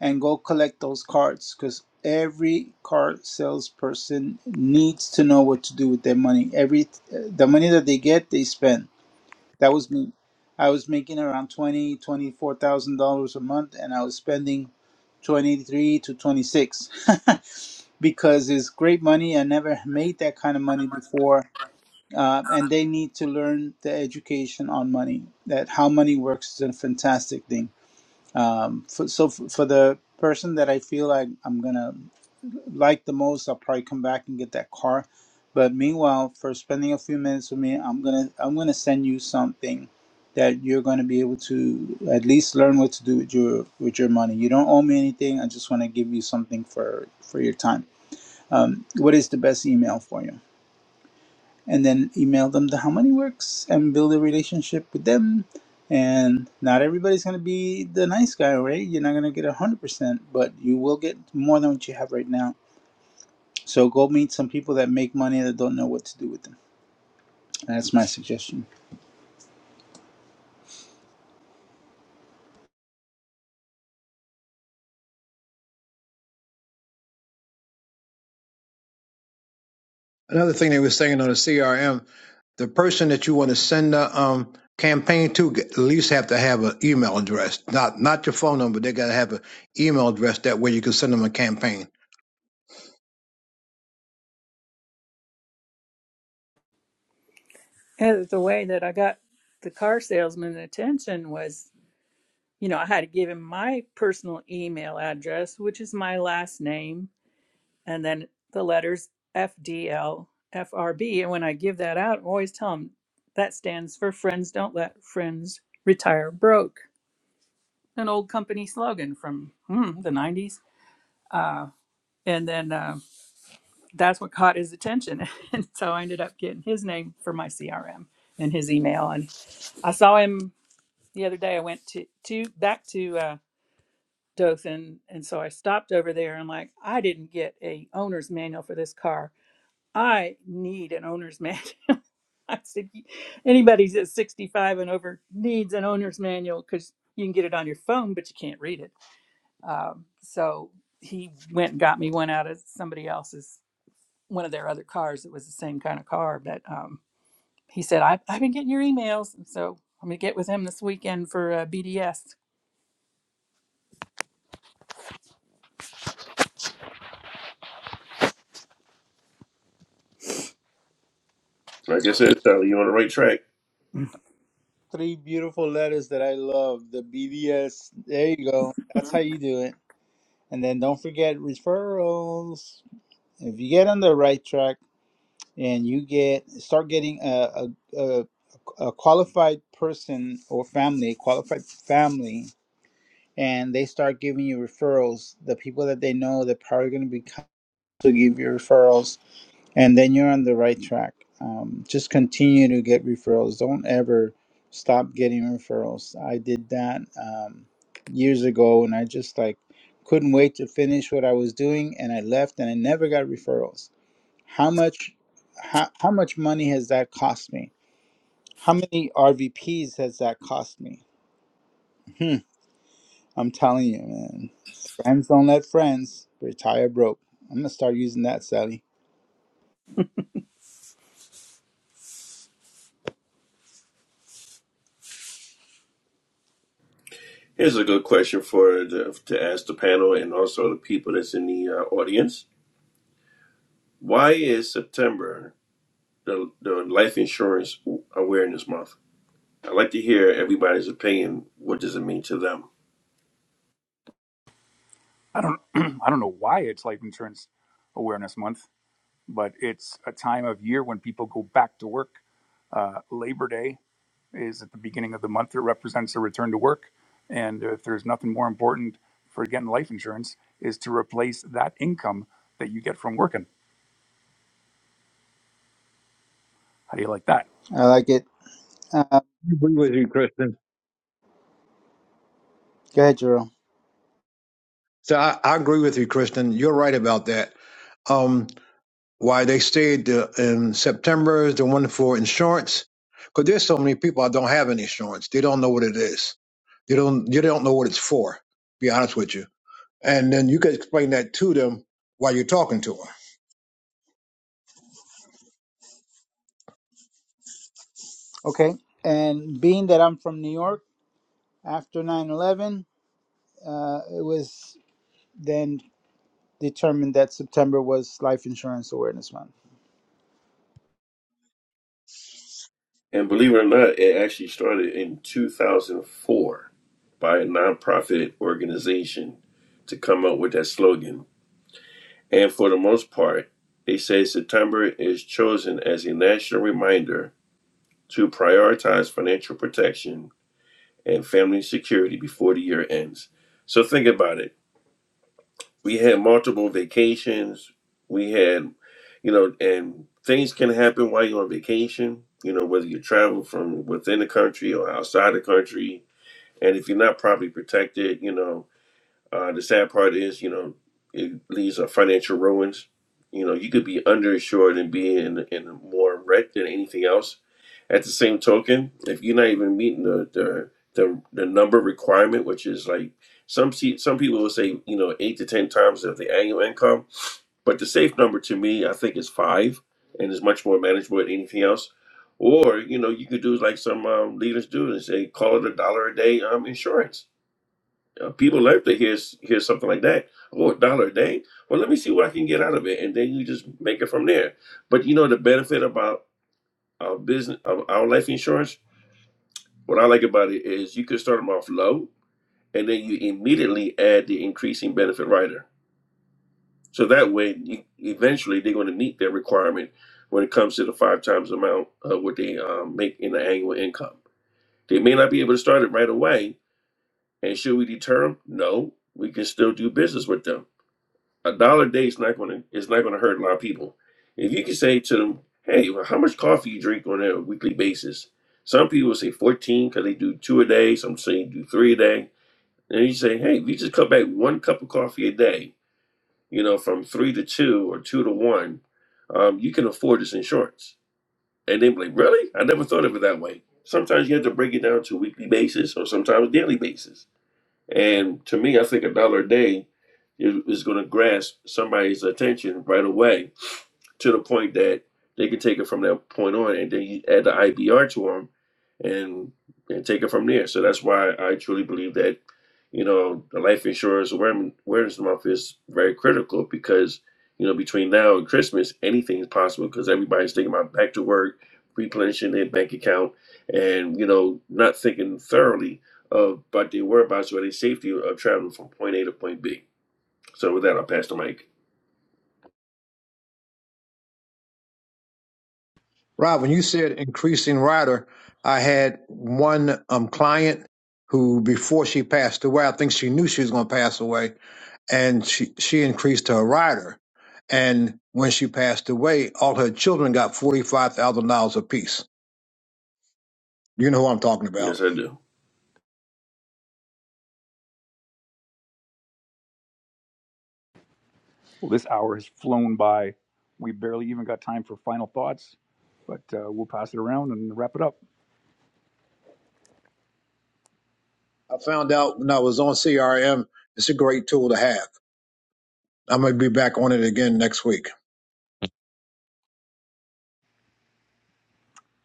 Speaker 5: And go collect those cards because every car salesperson needs to know what to do with their money. Every uh, the money that they get, they spend That was me. I was making around twenty, twenty-four thousand dollars a month, and I was spending twenty-three to twenty-six because it's great money. I never made that kind of money before, uh, and they need to learn the education on money. That how money works is a fantastic thing. Um, for, so for, for the person that I feel like I'm gonna like the most, I'll probably come back and get that car. But meanwhile, for spending a few minutes with me, I'm gonna I'm gonna send you something that you're gonna be able to at least learn what to do with your with your money. You don't owe me anything. I just want to give you something for for your time. Um, what is the best email for you? and then email them the how money works and build a relationship with them. And not everybody's going to be the nice guy, right? You're not going to get 100%, but you will get more than what you have right now. So go meet some people that make money that don't know what to do with them. That's my suggestion.
Speaker 2: Another thing they were saying on the CRM, the person that you want to send the um, campaign to at least have to have an email address, not not your phone number. They got to have an email address. That way, you can send them a campaign.
Speaker 6: And the way that I got the car salesman's attention was, you know, I had to give him my personal email address, which is my last name, and then the letters FDL, FRB. And when I give that out, I always tell him that stands for Friends Don't Let Friends Retire Broke, an old company slogan from hmm, the 90s. Uh, and then uh, that's what caught his attention. and so I ended up getting his name for my CRM and his email. And I saw him the other day I went to, to back to uh, Dothan, and so I stopped over there and like I didn't get a owner's manual for this car. I need an owner's manual. I said "You- anybody that's 65 and over needs an owner's manual because you can get it on your phone, but you can't read it. Um, so he went and got me one out of somebody else's one of their other cars that was the same kind of car, but um, he said I, I've been getting your emails, and so I'm gonna get with him this weekend for uh, BDS.
Speaker 3: like i said sally you're on the right track
Speaker 5: Three beautiful letters that I love. The BDS. There you go. That's how you do it. And then don't forget referrals. If you get on the right track, and you get start getting a a, a, a qualified person or family, qualified family, and they start giving you referrals. The people that they know they're probably going to be co- to give you referrals, and then you're on the right track. Um, just continue to get referrals. Don't ever stop getting referrals. I did that um, years ago, and I just like couldn't wait to finish what I was doing, and I left, and I never got referrals how much how, how much money has that cost me? How many RVPs has that cost me? Hmm. I'm telling you, man. Friends don't let friends retire broke. I'm gonna start using that, Sally.
Speaker 3: here's a good question for the, to ask the panel and also the people that's in the uh, audience why is september the, the life insurance awareness month i'd like to hear everybody's opinion what does it mean to them
Speaker 1: I don't I don't know why it's Life Insurance Awareness Month, but it's a time of year when people go back to work. Uh, Labor Day is at the beginning of the month. It represents a return to work. And if there's nothing more important for getting life insurance is to replace that income that you get from working. How do you like that?
Speaker 5: I like it. Uh,
Speaker 2: I agree with you, Kristen.
Speaker 5: go ahead, Jerome.
Speaker 2: So I, I agree with you, Kristen. You're right about that. Um, Why they stayed the, in September is the one for insurance. Because there's so many people that don't have any insurance. They don't know what it is. They don't. They don't know what it's for. Be honest with you. And then you can explain that to them while you're talking to them.
Speaker 5: Okay. And being that I'm from New York, after 9/11, uh, it was then determined that September was Life Insurance Awareness Month.
Speaker 3: And believe it or not, it actually started in 2004 by a nonprofit organization to come up with that slogan. And for the most part, they say September is chosen as a national reminder to prioritize financial protection and family security before the year ends. So think about it. we had multiple vacations we had you know and things can happen while you're on vacation you know whether you travel from within the country or outside the country and if you're not properly protected you know uh, the sad part is you know it leaves a financial ruins you know you could be underinsured and be in in more wreck than anything else at the same token, if you're not even meeting the the the, the number requirement, which is like some se- some people will say, you know, eight to ten times of the annual income, but the safe number to me, I think, is five, and is much more manageable than anything else. Or you know, you could do like some um, leaders do and say, call it a dollar a day um, insurance. Uh, people love to hear s- hear something like that. Oh, a dollar a day. Well, let me see what I can get out of it, and then you just make it from there. But you know, the benefit about our business, of our life insurance what I like about it is you could start them off low and then you immediately add the increasing benefit rider. So that way, you, eventually, they're going to meet their requirement when it comes to the five times amount of what they um, make in the annual income. They may not be able to start it right away. And should we deter them? No, we can still do business with them. A dollar a day is not going to is not going to hurt a lot of people. If you can say to them, "Hey, well, how much coffee you drink on a weekly basis?" Some people say 14 because they do two a day. Some say you do three a day And you say, hey, if you just cut back one cup of coffee a day, you know, from three to two or two to one, um, you can afford this insurance. And they'd be like, really? I never thought of it that way. Sometimes you have to break it down to a weekly basis or sometimes daily basis. And to me, I think a dollar a day is, is going to grasp somebody's attention right away to the point that they can take it from that point on, and then you add the IBR to them, and and take it from there. So that's why I truly believe that you know the life insurance awareness awareness month is very critical because you know between now and Christmas anything is possible because everybody's thinking about back to work, replenishing their bank account, and you know not thinking thoroughly of about their whereabouts or their safety of traveling from point A to point B. So with that, I'll pass the mic.
Speaker 2: Rob, when you said increasing rider, I had one um, client who, before she passed away, I think she knew she was going to pass away, and she she increased her rider. And when she passed away, all her children got forty five thousand dollars apiece You know who I'm talking
Speaker 3: Yes,
Speaker 2: about.
Speaker 3: I do.
Speaker 1: Well, this hour has flown by. We barely even got time for final thoughts, but uh, we'll pass it around and wrap it up.
Speaker 2: I found out when I was on CRM, it's a great tool to have. I'm going to be back on it again next week.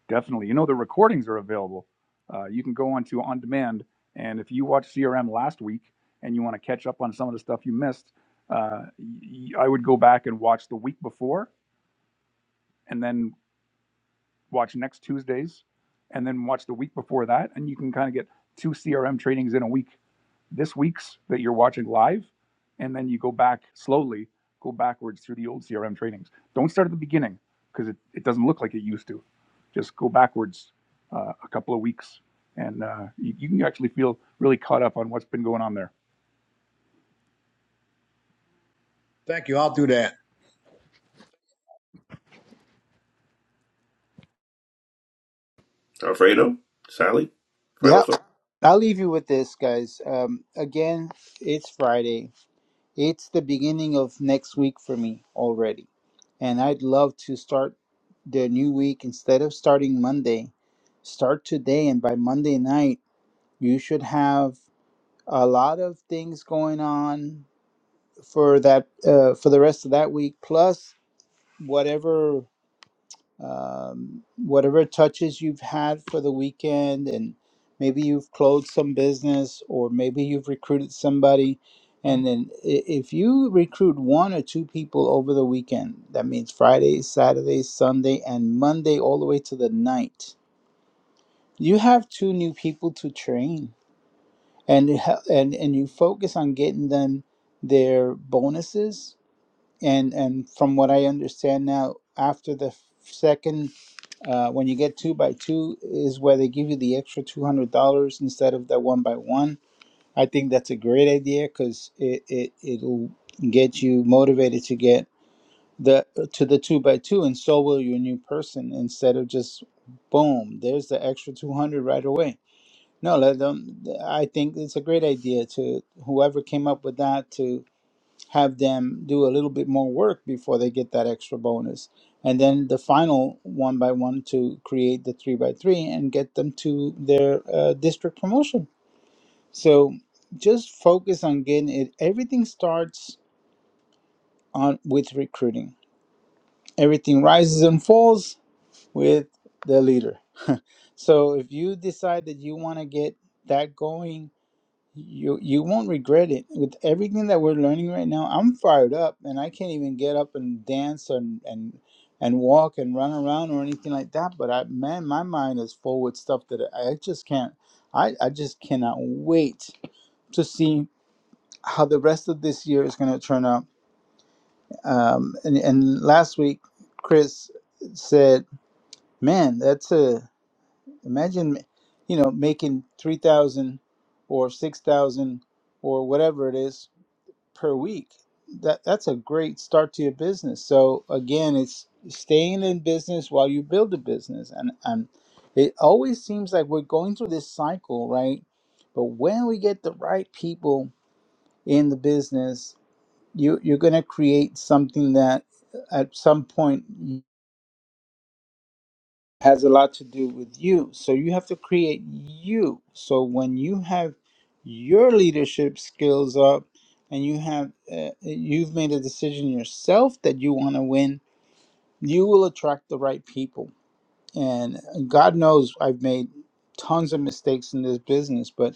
Speaker 1: Definitely. You know, the recordings are available. Uh, you can go on to On Demand. And if you watched CRM last week and you want to catch up on some of the stuff you missed, uh, y- y- I would go back and watch the week before and then watch next Tuesday's, and then watch the week before that, and you can kind of get two CRM trainings in a week. This week's that you're watching live, and then you go back slowly, go backwards through the old CRM trainings. Don't start at the beginning because it, it doesn't look like it used to. Just go backwards uh, a couple of weeks, and uh, you, you can actually feel really caught up on what's been going on there.
Speaker 2: Thank you. I'll do that.
Speaker 3: Alfredo, Sally, final
Speaker 5: Yeah.
Speaker 3: thoughts.
Speaker 5: I'll leave you with this, guys. Um, again, it's Friday. It's the beginning of next week for me already. And I'd love to start the new week instead of starting Monday. Start today, and by Monday night, you should have a lot of things going on for that uh, for the rest of that week, plus whatever um, whatever touches you've had for the weekend and maybe you've closed some business or maybe you've recruited somebody and then i- if you recruit one or two people over the weekend that means friday saturday sunday and monday all the way to the night you have two new people to train and it hel- and and you focus on getting them their bonuses and and from what i understand now after the second uh, when you get two by two is where they give you the extra two hundred dollars instead of that one by one. I think that's a great idea because it, it it'll get you motivated to get the to the two by two, and so will your new person. Instead of just boom, there's the extra two hundred right away. No, let them. I think it's a great idea to whoever came up with that to have them do a little bit more work before they get that extra bonus. And then the final one by one to create the three by three and get them to their uh, district promotion. So just focus on getting it. Everything starts on with recruiting. Everything rises and falls with the leader. So if you decide that you want to get that going You you won't regret it. With everything that we're learning right now, I'm fired up and I can't even get up and dance and and and walk and run around or anything like that. But I man, my mind is full with stuff that I just can't. I I just cannot wait to see how the rest of this year is going to turn out. Um, and and last week, Chris said, "Man, that's a imagine, you know, making three thousand or six thousand or whatever it is." per week. That that's a great start to your business. So again, it's staying in business while you build the business, and and it always seems like we're going through this cycle, right? But when we get the right people in the business, you you're going to create something that at some point has a lot to do with you. So you have to create you. So when you have your leadership skills up and you have uh, you've made a decision yourself that you want to win, you will attract the right people. And God knows I've made tons of mistakes in this business, but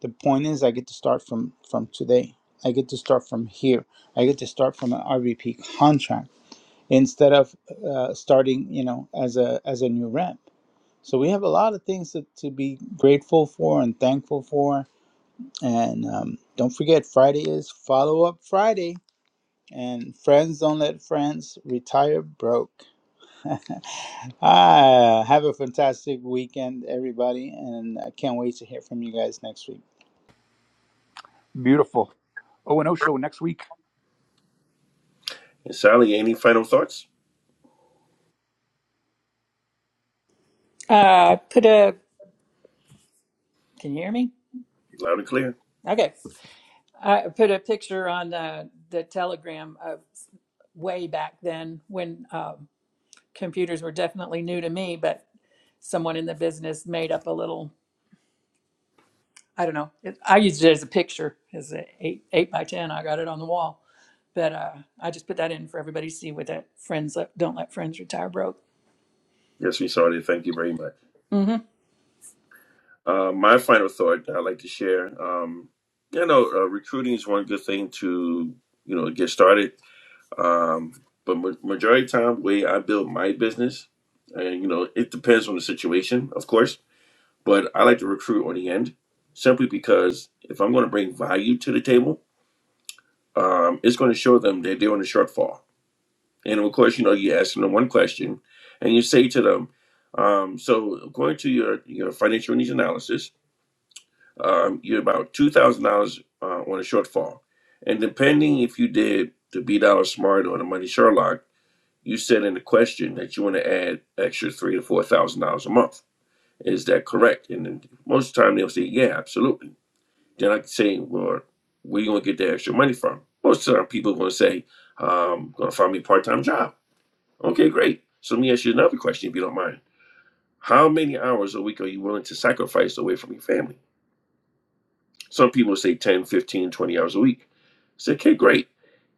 Speaker 5: the point is I get to start from from today. I get to start from here. I get to start from an RVP contract instead of uh, starting, you know, as a as a new rep. So we have a lot of things to, to be grateful for and thankful for. And um, don't forget, Friday is Follow Up Friday. And friends don't let friends retire broke. ah, have a fantastic weekend, everybody. And I can't wait to hear from you guys next week.
Speaker 1: Beautiful. O and O show next week.
Speaker 3: And Sally, any final thoughts?
Speaker 6: Uh, put a. Can you hear me?
Speaker 3: Loud and clear.
Speaker 6: Okay. I put a picture on uh, the Telegram of way back then when um, computers were definitely new to me, but someone in the business made up a little. I don't know. It, I used it as a picture, as a eight eight by ten. I got it on the wall, but uh, I just put that in for everybody to see. With that, friends let, don't let friends retire broke.
Speaker 3: Yes, we saw it. Thank you very much.
Speaker 6: Mm-hmm.
Speaker 3: Uh, my final thought I'd like to share. Um, you know, uh, recruiting is one good thing to you know get started. Um, but ma- majority of the time, way I build my business, and you know, it depends on the situation, of course. But I like to recruit on the end, simply because if I'm going to bring value to the table, um, it's going to show them that they're in a shortfall And of course, you know, you ask them one question and you say to them, um, so according to your, your financial needs analysis, um, you're about $2,000 uh, on a shortfall. And depending if you did the B Dollar Smart or the Money Sherlock, you said in the question that you want to add extra three to four thousand dollars a month. Is that correct? And then most of the time they'll say, Yeah, absolutely. Then I can say, Well, where you gonna get the extra money from? Most of the time people are gonna say, um, gonna find me a part time job Okay, great. So let me ask you another question, if you don't mind. How many hours a week are you willing to sacrifice away from your family? Some people say 10, 15, 20 hours a week. Say, okay, great.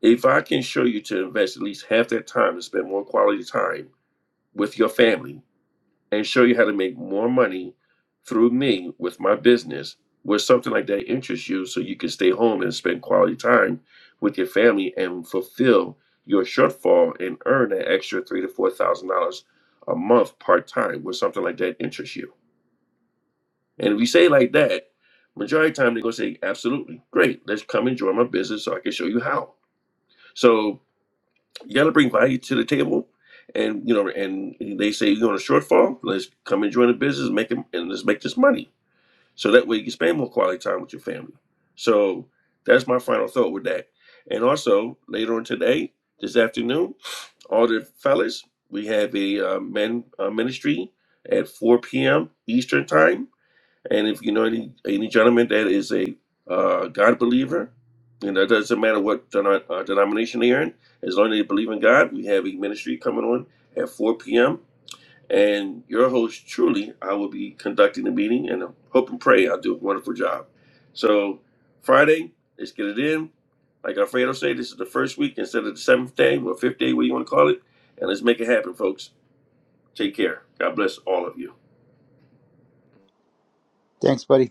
Speaker 3: If I can show you to invest at least half that time to spend more quality time with your family, and show you how to make more money through me with my business where something like that interests you so you can stay home and spend quality time with your family and fulfill your shortfall and earn that extra three to four thousand dollars a month part-time where something like that interests you and if you say it like that majority of the time they're going to say absolutely great let's come and join my business so i can show you how so you got to bring value to the table, and you know, and they say you're on a shortfall. Let's come and join the business, make them, and let's make this money. So that way you can spend more quality time with your family. So that's my final thought with that. And also later on today, this afternoon, all the fellas, we have a uh, men uh, ministry at 4 p.m. Eastern time and if you know any any gentleman that is a uh, God believer, and it doesn't matter what denom- uh, denomination they're in, as long as they believe in God, we have a ministry coming on at 4 p.m. And your host, truly, I will be conducting the meeting, and I hope and pray I'll do a wonderful job. So Friday, let's get it in. Like Alfredo said, this is the first week instead of the seventh day or fifth day, what you want to call it. And let's make it happen, folks. Take care. God bless all of you.
Speaker 5: Thanks, buddy.